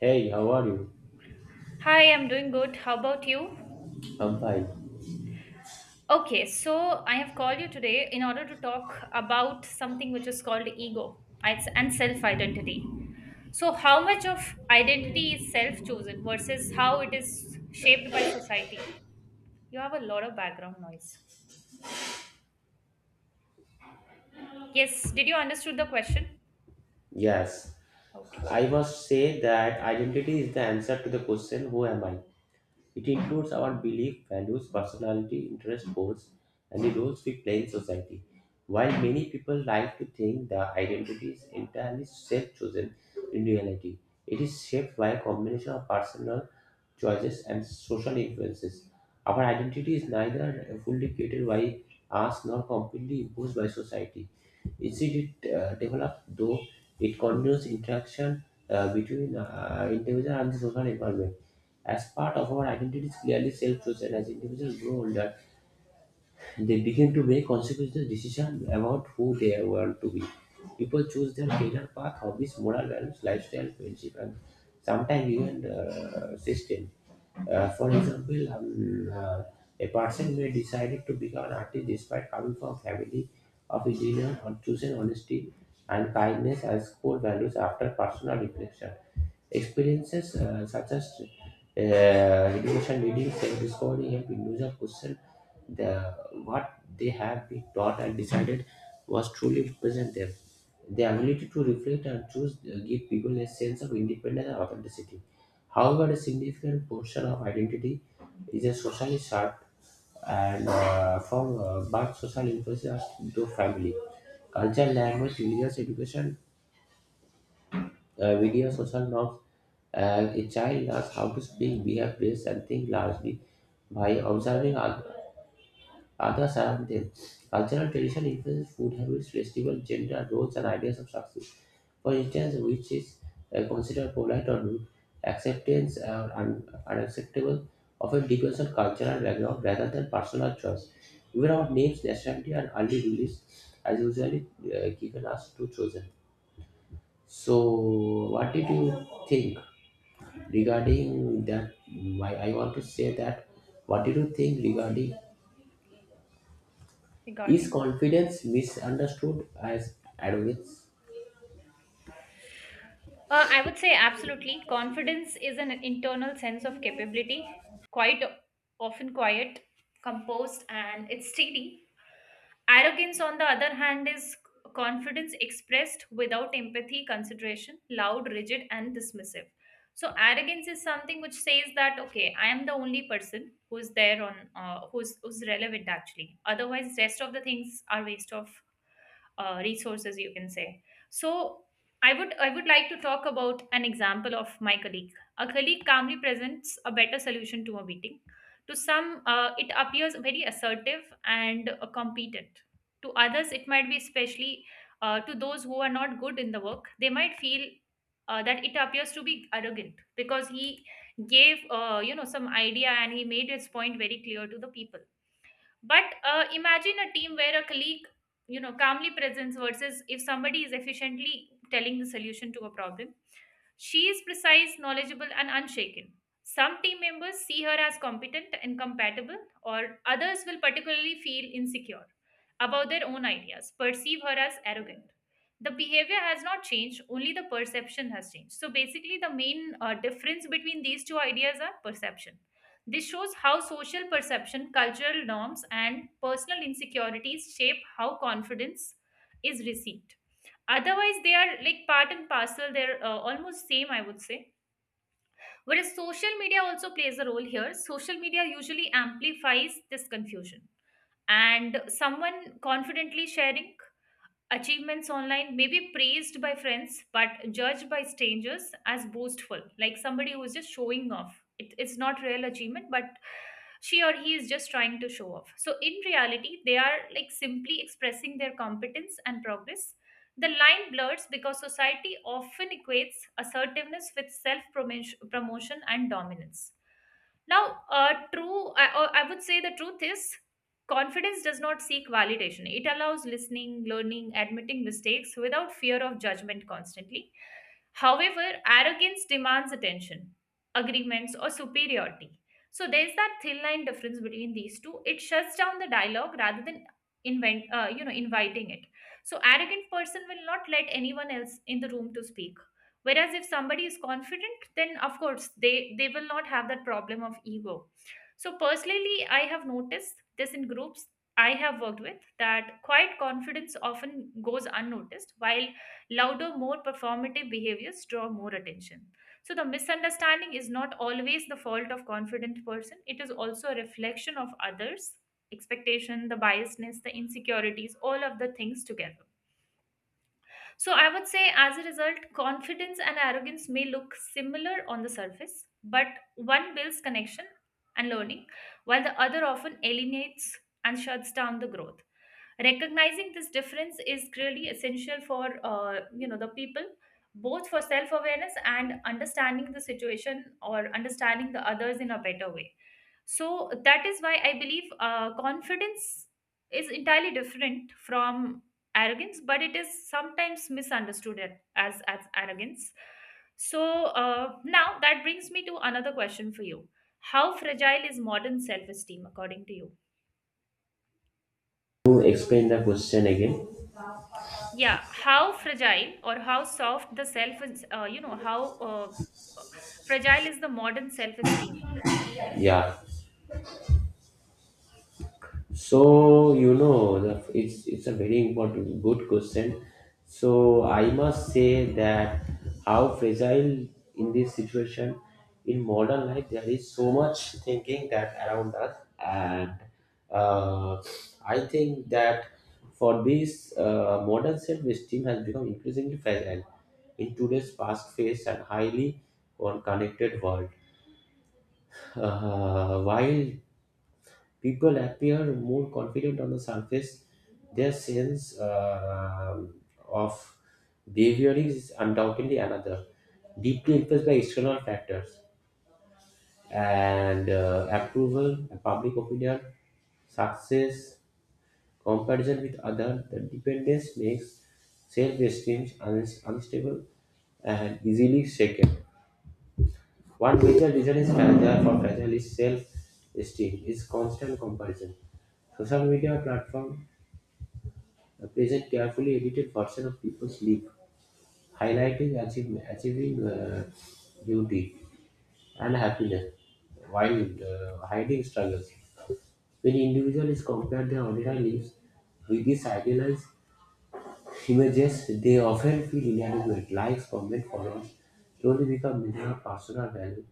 Hey, how are you? Hi, I'm doing good. How about you? I'm fine. Okay, so I have called you today in order to talk about something which is called ego It's and self-identity. So, how much of identity is self-chosen versus how it is shaped by society? You have a lot of background noise. Yes, did you understood the question? Yes, Okay, I must say that identity is the answer to the question, who am I? It includes our belief, values, personality, interest, goals, and the roles we play in society. While many people like to think their identity is entirely self-chosen, in reality, it is shaped by a combination of personal choices and social influences. Our identity is neither fully created by us nor completely imposed by society. Instead, it develops, though it continues interaction between individual and the social environment. As part of our identity is clearly self-chosen, as individuals grow older, they begin to make consequential decisions about who they want to be. People choose their career path, hobbies, moral values, lifestyle, friendship, and sometimes even system. For example, a person may decide to become an artist despite coming from a family of engineers or choosing honesty and kindness as core values after personal reflection. Experiences such as repetition reading, self-discovery help individuals question the what they have been taught and decided was truly present them. The ability to reflect and choose give people a sense of independence and authenticity. However, a significant portion of identity is a socially shaped and from but social influences through family, culture, language, religious education, videos social norms. A child learns how to speak, behave, dress, and think largely by observing others around them. Cultural tradition influences food habits, festival, gender roles, and ideas of success. For instance, which is considered polite or rude, acceptance or unacceptable often depends on cultural background rather than personal choice. Even our names, nationality, and early release are usually given us to chosen. So, what did you think regarding that? Why I want to say that, what do you think regarding, is regarding. confidence misunderstood as arrogance? I would say absolutely. Confidence is an internal sense of capability, quite often quiet, composed, and it's steady. Arrogance, on the other hand, is confidence expressed without empathy, consideration, loud, rigid, and dismissive. So arrogance is something which says that okay, I am the only person who's there on who's relevant actually. Otherwise, rest of the things are waste of resources you can say. So I would like to talk about an example of my colleague, a colleague calmly presents a better solution to a meeting. To some, it appears very assertive and competent. To others it might be, especially to those who are not good in the work, they might feel that it appears to be arrogant because he gave some idea and he made his point very clear to the people. But imagine a team where a colleague, calmly presents versus if somebody is efficiently telling the solution to a problem. She is precise, knowledgeable, and unshaken. Some team members see her as competent and compatible, or others will particularly feel insecure about their own ideas, perceive her as arrogant. The behavior has not changed, only the perception has changed. So, basically, the main difference between these two ideas are perception. This shows how social perception, cultural norms, and personal insecurities shape how confidence is received. Otherwise they are like part and parcel, they're almost same I would say. Whereas social media also plays a role here. Social media usually amplifies this confusion, and someone confidently sharing achievements online may be praised by friends but judged by strangers as boastful, like somebody who is just showing off. It's not real achievement, but she or he is just trying to show off. So in reality, they are like simply expressing their competence and progress. The line blurs because society often equates assertiveness with self promotion and dominance. Now, true, I would say the truth is, confidence does not seek validation. It allows listening, learning, admitting mistakes without fear of judgment constantly. However, arrogance demands attention, agreements, or superiority. So there's that thin line difference between these two. It shuts down the dialogue rather than inviting it. So arrogant person will not let anyone else in the room to speak. Whereas if somebody is confident, then of course they will not have that problem of ego. So personally, I have noticed this in groups I have worked with, that quiet confidence often goes unnoticed, while louder, more performative behaviors draw more attention. So the misunderstanding is not always the fault of confident person; it is also a reflection of others' expectation, the biasness, the insecurities, all of the things together. So I would say, as a result, confidence and arrogance may look similar on the surface, but one builds connection and learning, while the other often alienates and shuts down the growth. Recognizing this difference is really essential for the people, both for self awareness and understanding the situation or understanding the others in a better way. So that is why I believe confidence is entirely different from arrogance, but it is sometimes misunderstood as arrogance. So now that brings me to another question for you: how fragile is modern self esteem according to you? To explain the question again. Yeah, how fragile or how soft the self is, you know how fragile is the modern self esteem? Yeah. So, you know, it's a very important good question. So I must say that, how fragile, in this situation, in modern life there is so much thinking that around us, and uh, I think that for this modern self-esteem has become increasingly fragile in today's fast-paced and highly connected world. While people appear more confident on the surface. Their sense of behavior is undoubtedly another, deeply influenced by external factors and approval, public opinion, success, comparison with others. The dependence makes self-esteem unstable and easily shaken. One major reason is fragile for fragile is self-esteem is constant comparison. Social media platform present carefully edited version of people's life, highlighting achievement, achieving beauty and happiness while hiding struggles. When individuals compare their ordinary lives with these idealized images, they often feel inadequate. Likes, comments, followers slowly become measure of personal value,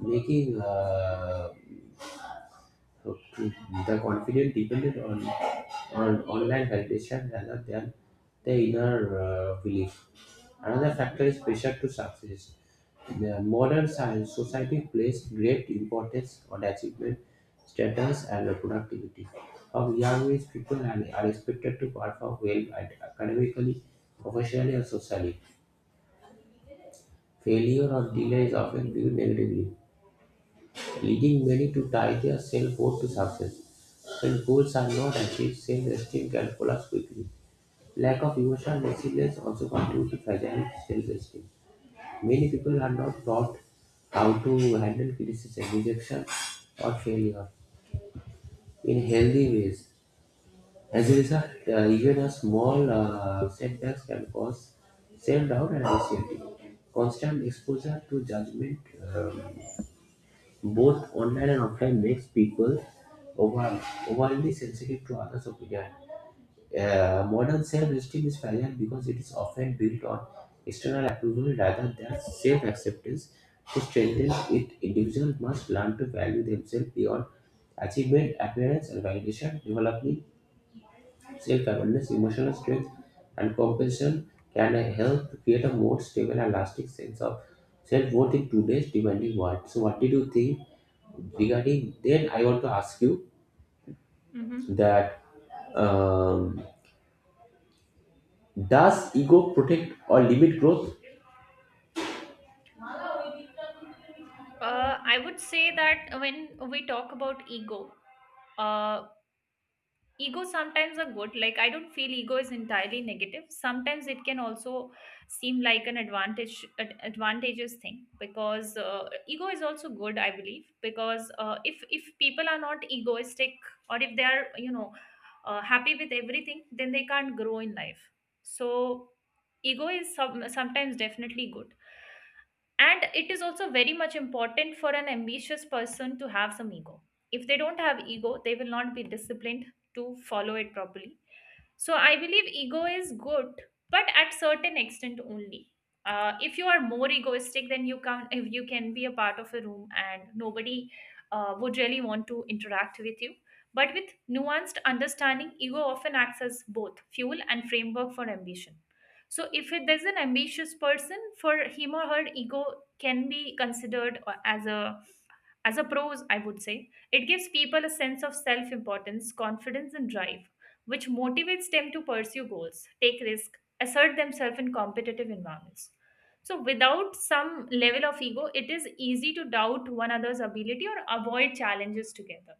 making okay. The confidence depended on online validation rather than the inner belief. Another factor is pressure to success. The modern science society placed great importance on achievement, status, and productivity. From young age, people are expected to perform well at academically, professionally, and socially. Failure or delay is often viewed negatively, leading many to tie their self-worth to success. When goals are not achieved, self-esteem can collapse quickly. Lack of emotional resilience also contributes to fragile self-esteem. Many people are not taught how to handle criticism, rejection, or failure in healthy ways. As a result, even a small setbacks can cause self-doubt and anxiety. Constant exposure to judgment, uh, both online and offline makes people over, overly sensitive to others' opinion. Modern self-esteem is fragile because it is often built on external approval rather than self-acceptance. To strengthen it, individuals must learn to value themselves beyond achievement, appearance, and validation. Developing self-awareness, emotional strength, and compassion can help create a more stable and lasting sense of self-worth in today's demanding world. So, what did you think regarding? Then I want to ask you Mm-hmm. that, um, does ego protect or limit growth? I would say that when we talk about ego, uh, ego sometimes are good. Like I don't feel ego is entirely negative. Sometimes it can also seem like an advantage, advantageous thing, because ego is also good I believe, because if people are not egoistic, or if they are, happy with everything, then they can't grow in life. So ego is sometimes definitely good, and it is also very much important for an ambitious person to have some ego. If they don't have ego they will not be disciplined to follow it properly. So I believe ego is good, but at certain extent only. If you are more egoistic, then you can, if you can be a part of a room, and nobody would really want to interact with you. But with nuanced understanding, ego often acts as both fuel and framework for ambition. So if it, there's an ambitious person, for him or her ego can be considered as a pros, I would say. It gives people a sense of self-importance, confidence, and drive, which motivates them to pursue goals, take risk, assert themselves in competitive environments. So without some level of ego, it is easy to doubt one another's ability or avoid challenges together.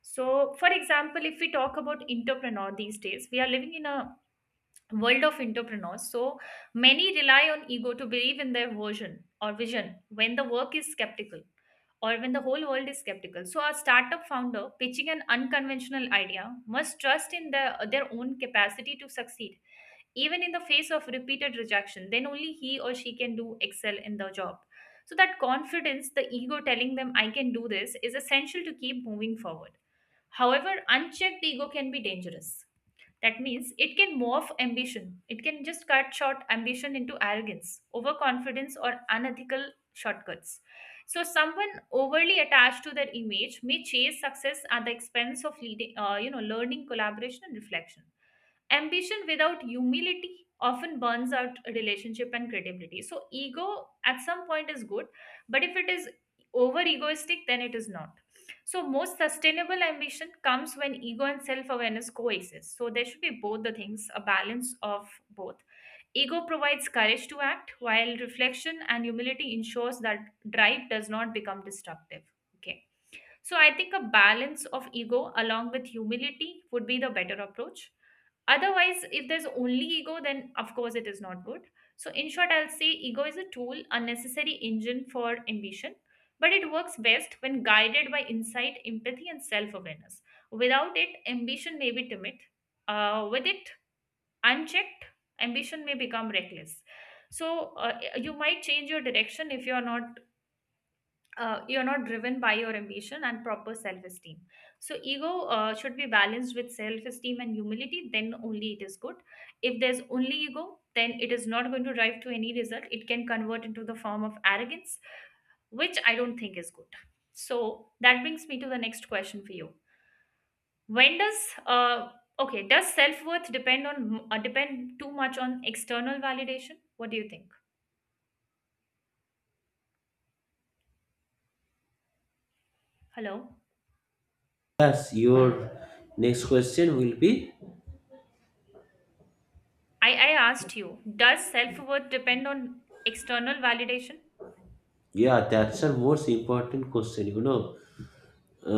So, for example, if we talk about entrepreneur these days, we are living in a world of entrepreneurs. So many rely on ego to believe in their version or vision when the work is skeptical, or when the whole world is skeptical. So a startup founder pitching an unconventional idea must trust in their own capacity to succeed. Even in the face of repeated rejection, then only he or she can do excel in the job. So that confidence, the ego telling them I can do this, is essential to keep moving forward. However, unchecked ego can be dangerous. That means it can morph ambition. It can just cut short ambition into arrogance, overconfidence, or unethical shortcuts. So, someone overly attached to their image may chase success at the expense of leading, learning, collaboration, and reflection. Ambition without humility often burns out a relationship and credibility. So, ego at some point is good, but if it is over egoistic, then it is not. So, most sustainable ambition comes when ego and self awareness coexist. So, there should be both the things, a balance of both. Ego provides courage to act, while reflection and humility ensures that drive does not become destructive. Okay. So I think a balance of ego along with humility would be the better approach. Otherwise, if there's only ego, then of course it is not good. So, in short, I'll say ego is a tool, a necessary engine for ambition, but it works best when guided by insight, empathy, and self awareness. Without it, ambition may be timid. With it unchecked, ambition may become reckless. So, you might change your direction if you're not you're not driven by your ambition and proper self-esteem. So ego should be balanced with self-esteem and humility, then only it is good. If there's only ego, then it is not going to drive to any result. It can convert into the form of arrogance, which I don't think is good. So that brings me to the next question for you: when does uh, okay, does self-worth depend on depend too much on external validation? What do you think? Hello. Yes, your next question will be, I asked you, does self worth depend on external validation? yeah, that's a most important question. You know,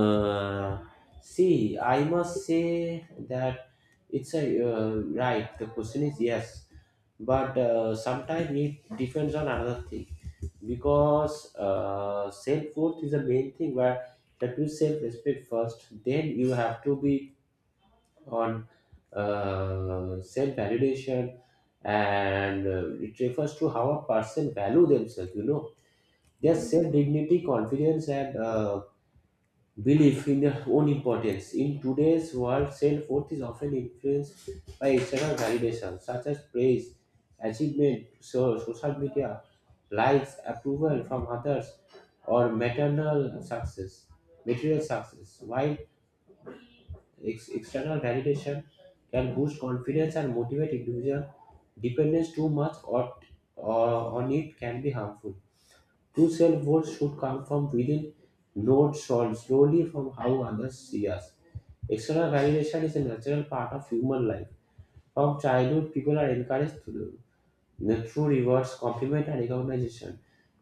Uh, see, I must say that it's a right. The question is yes, but sometimes it depends on another thing because self worth is the main thing. Where you have to self respect first, then you have to be on self validation, and it refers to how a person value themselves. You know, their self Mhm. dignity, confidence, and belief in their own importance. In today's world, self worth is often influenced by external validation, such as praise, achievement, so, social media, likes, approval from others, or maternal success, material success. While external validation can boost confidence and motivate individual, dependence too much or on it can be harmful. True self-worth should come from within, not sold slowly from how others see us. External validation is a natural part of human life. From childhood, people are encouraged to do the true rewards, compliment, and recognition.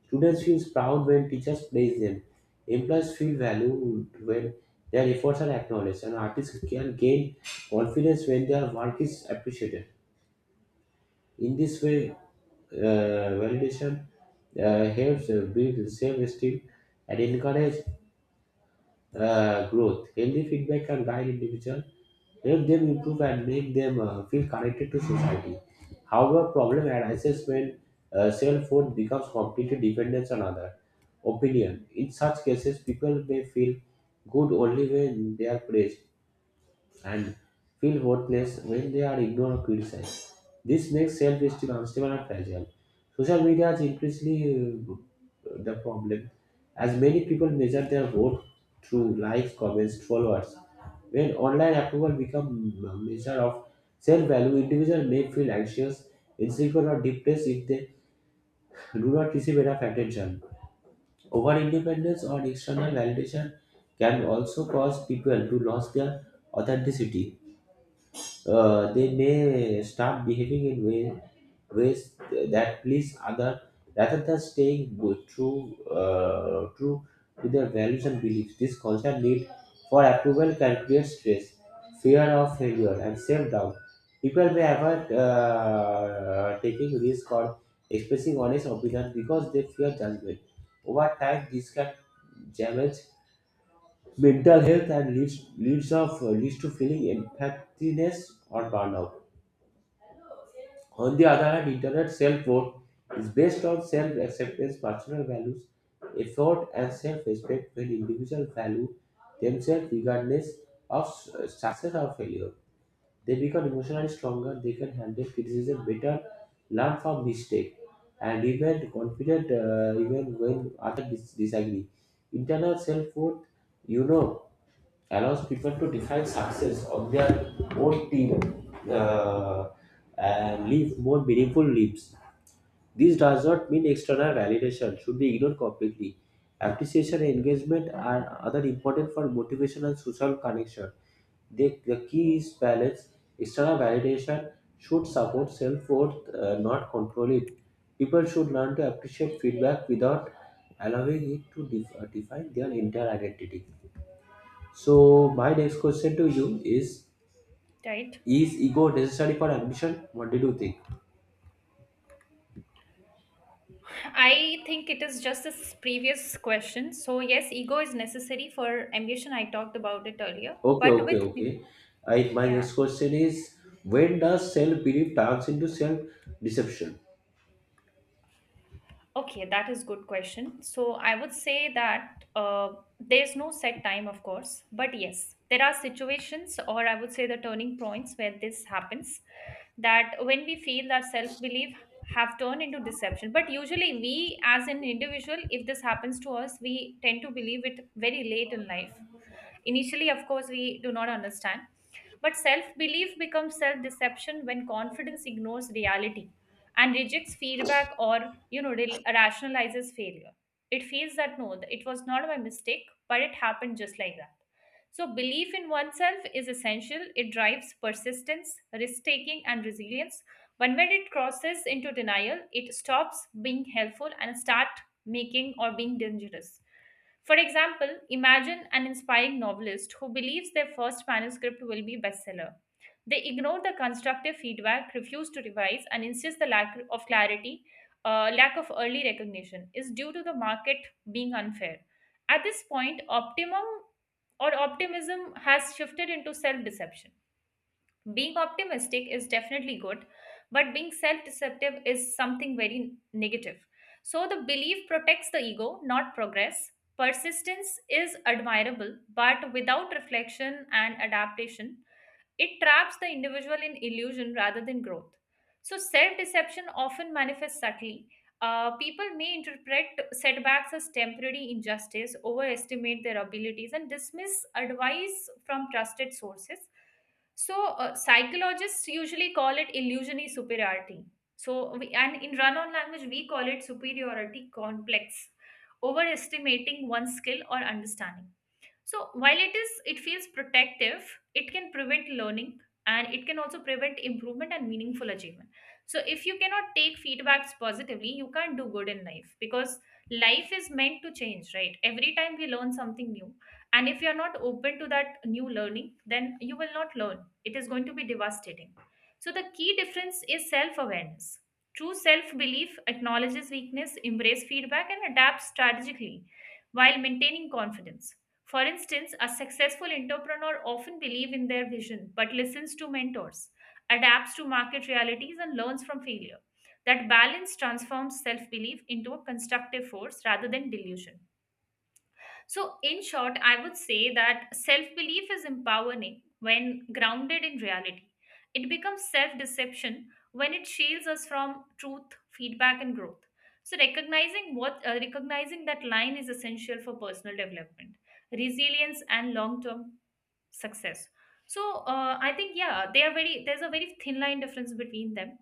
Students feel proud when teachers praise them. Employees feel valued when their efforts are acknowledged, and artists can gain confidence when their work is appreciated. In this way, validation helps build self-esteem and encourage growth. Healthy feedback can guide individuals, help them improve, and make them feel connected to society. However, problem arises when self-worth becomes completely dependent on other opinion. In such cases, people may feel good only when they are praised and feel worthless when they are ignored or criticized. This makes self-esteem unstable and fragile. Social media is increasingly the problem, as many people measure their worth through likes, comments, followers. When online approval becomes a measure of self-value, individuals may feel anxious, insecure, or depressed if they do not receive enough attention. Over-independence on external validation can also cause people to lose their authenticity. They may start behaving in ways that please other rather than staying true to their values and beliefs. This constant need for approval can create stress, fear of failure, and self doubt. People may avoid taking risk or expressing honest opinions because they fear judgment. Over time, this can damage mental health and leads to feeling empathiness or burnout. On the other hand, internet self-worth is based on self-acceptance, personal values, effort, and self-respect when individuals value themselves regardless of success or failure. They become emotionally stronger, they can handle criticism better, learn from mistake, and remain confident even when others disagree. Internal self-worth, you know, allows people to define success on their own team uh, and live more meaningful lives. This does not mean external Right. validation should be ignored completely. Appreciation and engagement are other important for motivation and social connection. The key is balance. External validation should support self worth, not control it. People should learn to appreciate feedback without allowing it to define their entire identity. So my next question to you is: Right. Is ego necessary for ambition? What did you think? I think it is just this previous question. So yes, ego is necessary for ambition. I talked about it earlier, Okay, but okay, with okay. I my yeah. next question is, when does self belief turns into self deception? Okay, that is good question. So I would say that there's no set time, of course, but yes, there are situations, or I would say the turning points where this happens. That when we feel that self belief have turned into deception, but usually we, as an individual, if this happens to us, we tend to believe it very late in life. Initially, of course, we do not understand. But self belief becomes self deception when confidence ignores reality and rejects feedback, or, rationalizes failure. It feels that no, it was not my mistake, but it happened just like that. So, belief in oneself is essential. It drives persistence, risk taking, and resilience. But when it crosses into denial, it stops being helpful and start making or being dangerous. For example, imagine an inspiring novelist who believes their first manuscript will be bestseller. They ignore the constructive feedback, refuse to revise, and insist the lack of clarity, lack of early recognition is due to the market being unfair. At this point, optimum or optimism has shifted into self deception. Being optimistic is definitely good, but being self deceptive is something very negative. So, the belief protects the ego, not progress. Persistence is admirable, but without reflection and adaptation, it traps the individual in illusion rather than growth. So, self deception often manifests subtly. People may interpret setbacks as temporary injustice, overestimate their abilities, and dismiss advice from trusted sources. So, psychologists usually call it illusionary superiority. So, we, and in run on language, we call it superiority complex, overestimating one's skill or understanding. So while it feels protective, it can prevent learning and it can also prevent improvement and meaningful achievement. So if you cannot take feedbacks positively, you can't do good in life because life is meant to change, right? Every time we learn something new, and if you are not open to that new learning, then you will not learn. It is going to be devastating. So the key difference is self-awareness. True self-belief acknowledges weakness, embrace feedback, and adapts strategically while maintaining confidence for instance, a successful entrepreneur often believes in their vision but listens to mentors, adapts to market realities and learns from failure. That balance transforms self-belief into a constructive force rather than delusion. So, in short, I would say that self belief is empowering when grounded in reality. It becomes self deception when it shields us from truth, feedback, and growth. So, recognizing that line is essential for personal development, resilience, and long term success. So, I think yeah, they are very there's a very thin line difference between them.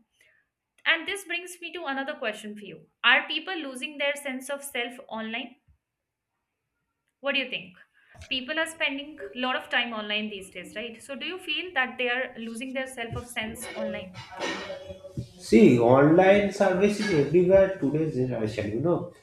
And this brings me to another question for you: are people losing their sense of self online? What do you think? People are spending a lot of time online these days, right? So do you feel that they are losing their self of sense online? See, online service is everywhere today's generation, you know.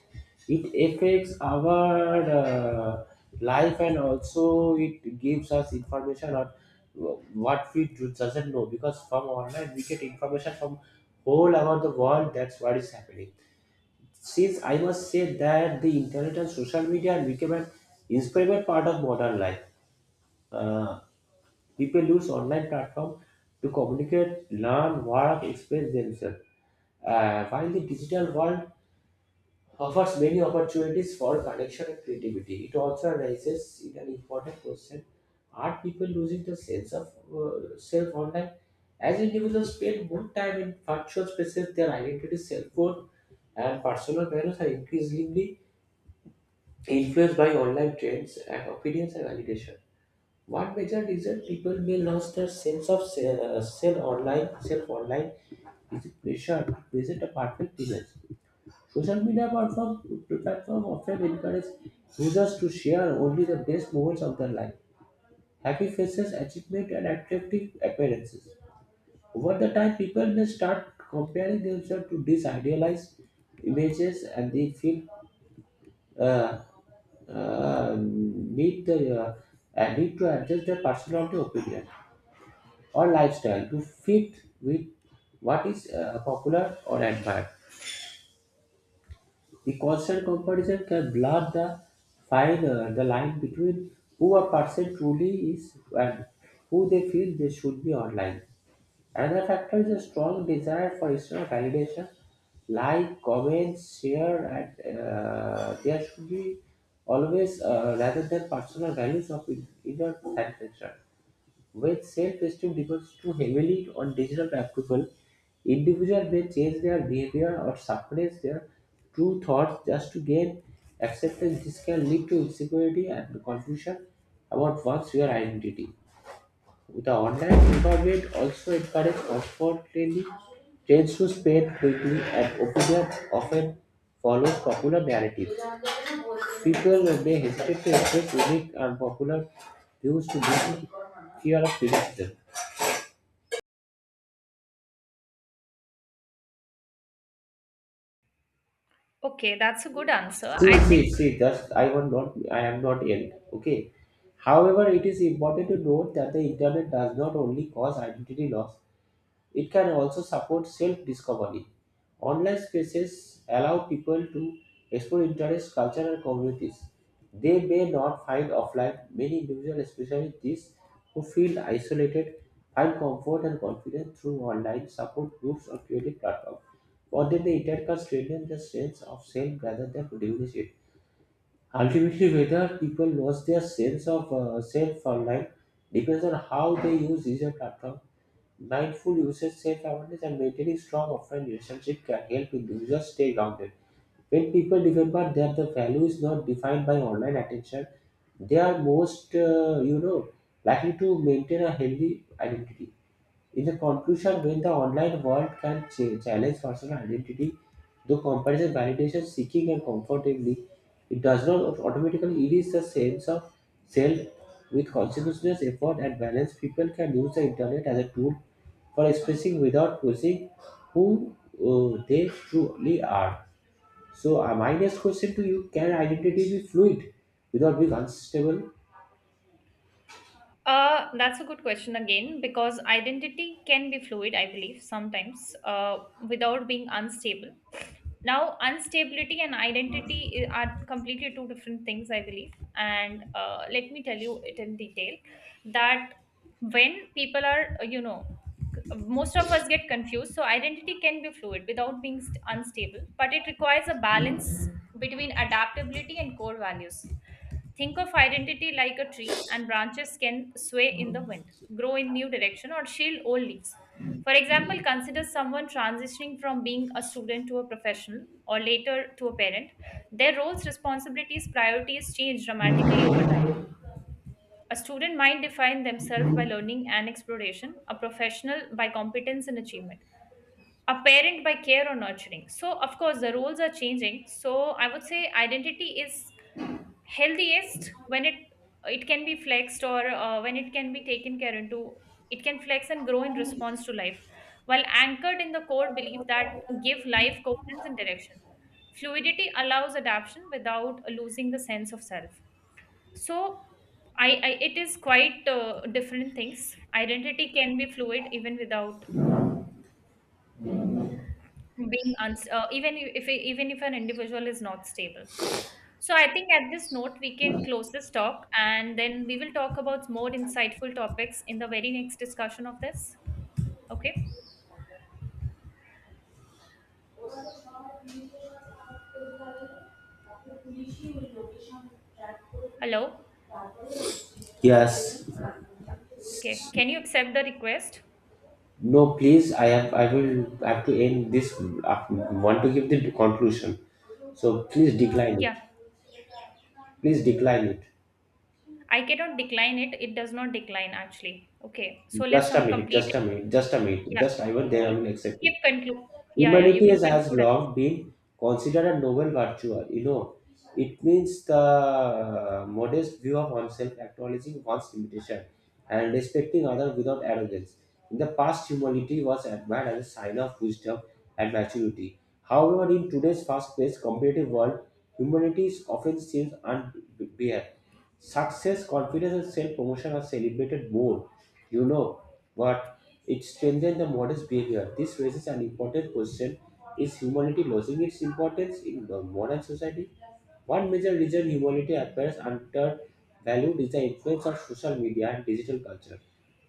It affects our life and also it gives us information on what we doesn't know because from online we get information from all over the world that's what is happening. Since I must say that the internet and social media have become an inseparable part of modern life. Uh, People use online platform to communicate, learn, work, express themselves. While the digital world offers many opportunities for connection and creativity, it also raises in an important question, are people losing the sense of self online? As individuals spend more time in virtual spaces, their identity, self worth, and personal values are increasingly influenced by online trends and opinions and validation. One major reason people may lose their sense of self online is the pressure to present a perfect image. Social media platform often encourage users to share only the best moments of their life, happy faces, achievement, and attractive appearances. Over the time, people may start comparing themselves to these idealized images, and they feel uh, need the uh, need to adjust their personality, opinion, or lifestyle to fit with what is popular or admired. The constant comparison can blur the line between who a person truly is and who they feel they should be online. Another factor is a strong desire for external validation, like comments, share, and there should be always rather than personal values of inner satisfaction. When self-esteem depends too heavily on digital approval, individuals may change their behavior or suppress their true thoughts just to gain acceptance. This can lead to insecurity and confusion about one's real identity. The online environment also encourages comfortably trends to spread quickly, and opinions often follow popular narratives. People may hesitate to express unique and popular views to meet fear of criticism. Okay, that's a good answer. See, I see, think see, just I want not I am not ill. Okay. However, it is important to note that the internet does not only cause identity loss. It can also support self discovery. Online spaces allow people to explore interests, culture, and communities they may not find offline. Many individuals, especially these who feel isolated, find comfort and confidence through online support groups or creative platforms. For them, the internet can strengthen the sense of self rather than diminish it. Ultimately, whether people lose their sense of self online depends on how they use digital platforms. Mindful usage, self-awareness, and maintaining strong offline relationship can help individuals stay grounded. When people remember that the value is not defined by online attention, they are most, likely to maintain a healthy identity. In the conclusion, when the online world can challenge personal identity, through comparison, validation, seeking, and comfortably, it does not automatically erase the sense of self. With consciousness, effort, and balance, people can use the internet as a tool for expressing without posing who they truly are. So, my next question to you: can identity be fluid without being unstable? That's a good question again because identity can be fluid, I believe, sometimes without being unstable. Now instability and identity are completely two different things I believe, and let me tell you it in detail that when people are c- most of us get confused. So identity can be fluid without being unstable, but it requires a balance between adaptability and core values. Think of identity like a tree, and branches can sway in the wind, grow in new direction or shield old leaves. For example, consider someone transitioning from being a student to a professional or later to a parent. Their roles, responsibilities, priorities change dramatically over time. A student might define themselves by learning and exploration, a professional by competence and achievement, a parent by care or nurturing. So, of course, the roles are changing. So, I would say identity is healthiest when it can be flexed, or when it can be taken care into, it can flex and grow in response to life while anchored in the core belief that give life coherence and direction. Fluidity allows adaptation without losing the sense of self. So I, it is quite different things. Identity can be fluid even without being even if an individual is not stable. So I think at this note we can close this talk and then we will talk about more insightful topics in the very next discussion of this. Okay. Hello. Yes. Okay, can you accept the request? No, please. I have. I will have to end this. I want to give the conclusion. So please decline it. Yeah, Please decline it. I cannot decline it, it does not decline actually. Okay, so let's Just a minute. complete Just it. a minute. Just a minute. Just I will. Then I Yeah, you will accept can it. give conclude. Yeah, yeah, you Humanity can has, has conclude Alex. long been considered a noble virtue. You know, it means the modest view of oneself, acknowledging one's limitation, and respecting others without arrogance. In the past, humility was admired as a sign of wisdom and maturity. However, in today's fast-paced, competitive world, humility is often seen unbearable. Success, confidence, and self-promotion are celebrated more. You know, but it strengthens the model's behavior. This raises an important question: is humanity losing its importance in the modern society? One major reason humanity appears undervalued is the influence of social media and digital culture.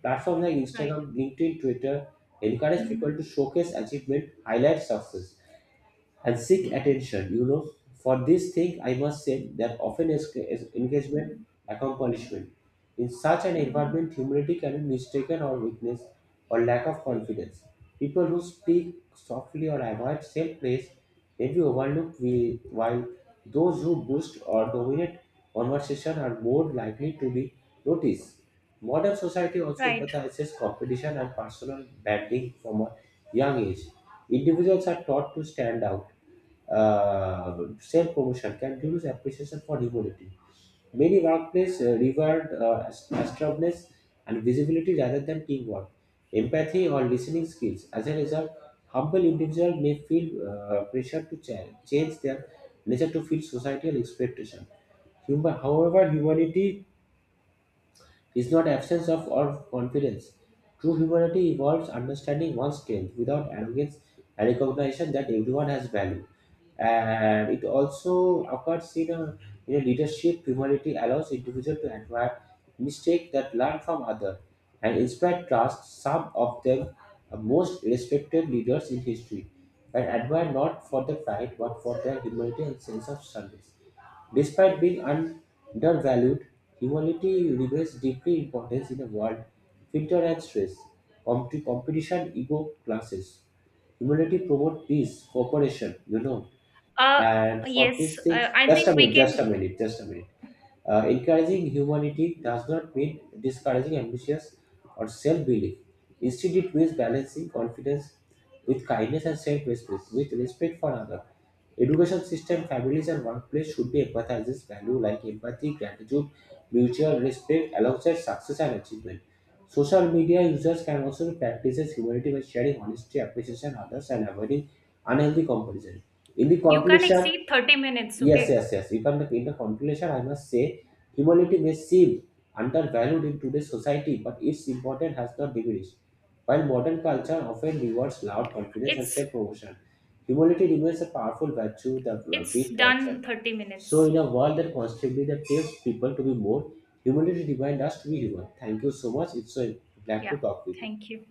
Platforms like Right. Instagram, LinkedIn, Twitter encourage Hmm. people to showcase achievement, highlight success, and seek attention, you know. For this thing, I must say that often is engagement, accomplishment. In such an environment, humility can be mistaken or weakness or lack of confidence. People who speak softly or avoid self-praise may be overlooked, while those who boost or dominate conversation are more likely to be noticed. Modern society also Right. emphasizes competition and personal branding from a young age. Individuals are taught to stand out. Self-promotion can reduce appreciation for humility. Many workplaces reward assertiveness and visibility rather than teamwork, empathy, or listening skills. As a result, humble individuals may feel pressure to change their nature to fit societal expectation. However, humanity is not absence of or confidence. True humility involves understanding one's strength without arrogance and recognition that everyone has value. And it also occurs in a leadership. Humility allows individual to admire mistake that learn from other and inspire trust. Some of them are most respected leaders in history and admired not for their pride but for their humility and sense of service. Despite being undervalued, humility remains deeply important in a world filtered and stress, competition, ego classes. Humility promotes peace, cooperation, you know. Uh. And for Yes. these things, I just a think we minute, just a can. minute, just a minute. Encouraging humanity does not mean discouraging ambitious or self-belief. Instead, it means balancing confidence with kindness and self-respect, with respect for others. Education system, families, and workplace should be empathizes value like empathy, gratitude, mutual respect alongside success and achievement. Social media users can also practice humanity by sharing honesty, appreciation, others, and avoiding unhealthy comparison. In the You can conclusion, exceed 30 minutes, yes, okay? yes, yes. If I'm the, in the conclusion, I must say humanity may seem undervalued in today's society, but its importance has not diminished. While modern culture often rewards loud confidence and It's self promotion, humility remains a powerful virtue that it's beat culture. done 30 So, minutes. in a world that constantly that tells people to be more, humility reminds us to be human. Thank you so much. It's so glad to Yeah. talk with you. Thank you.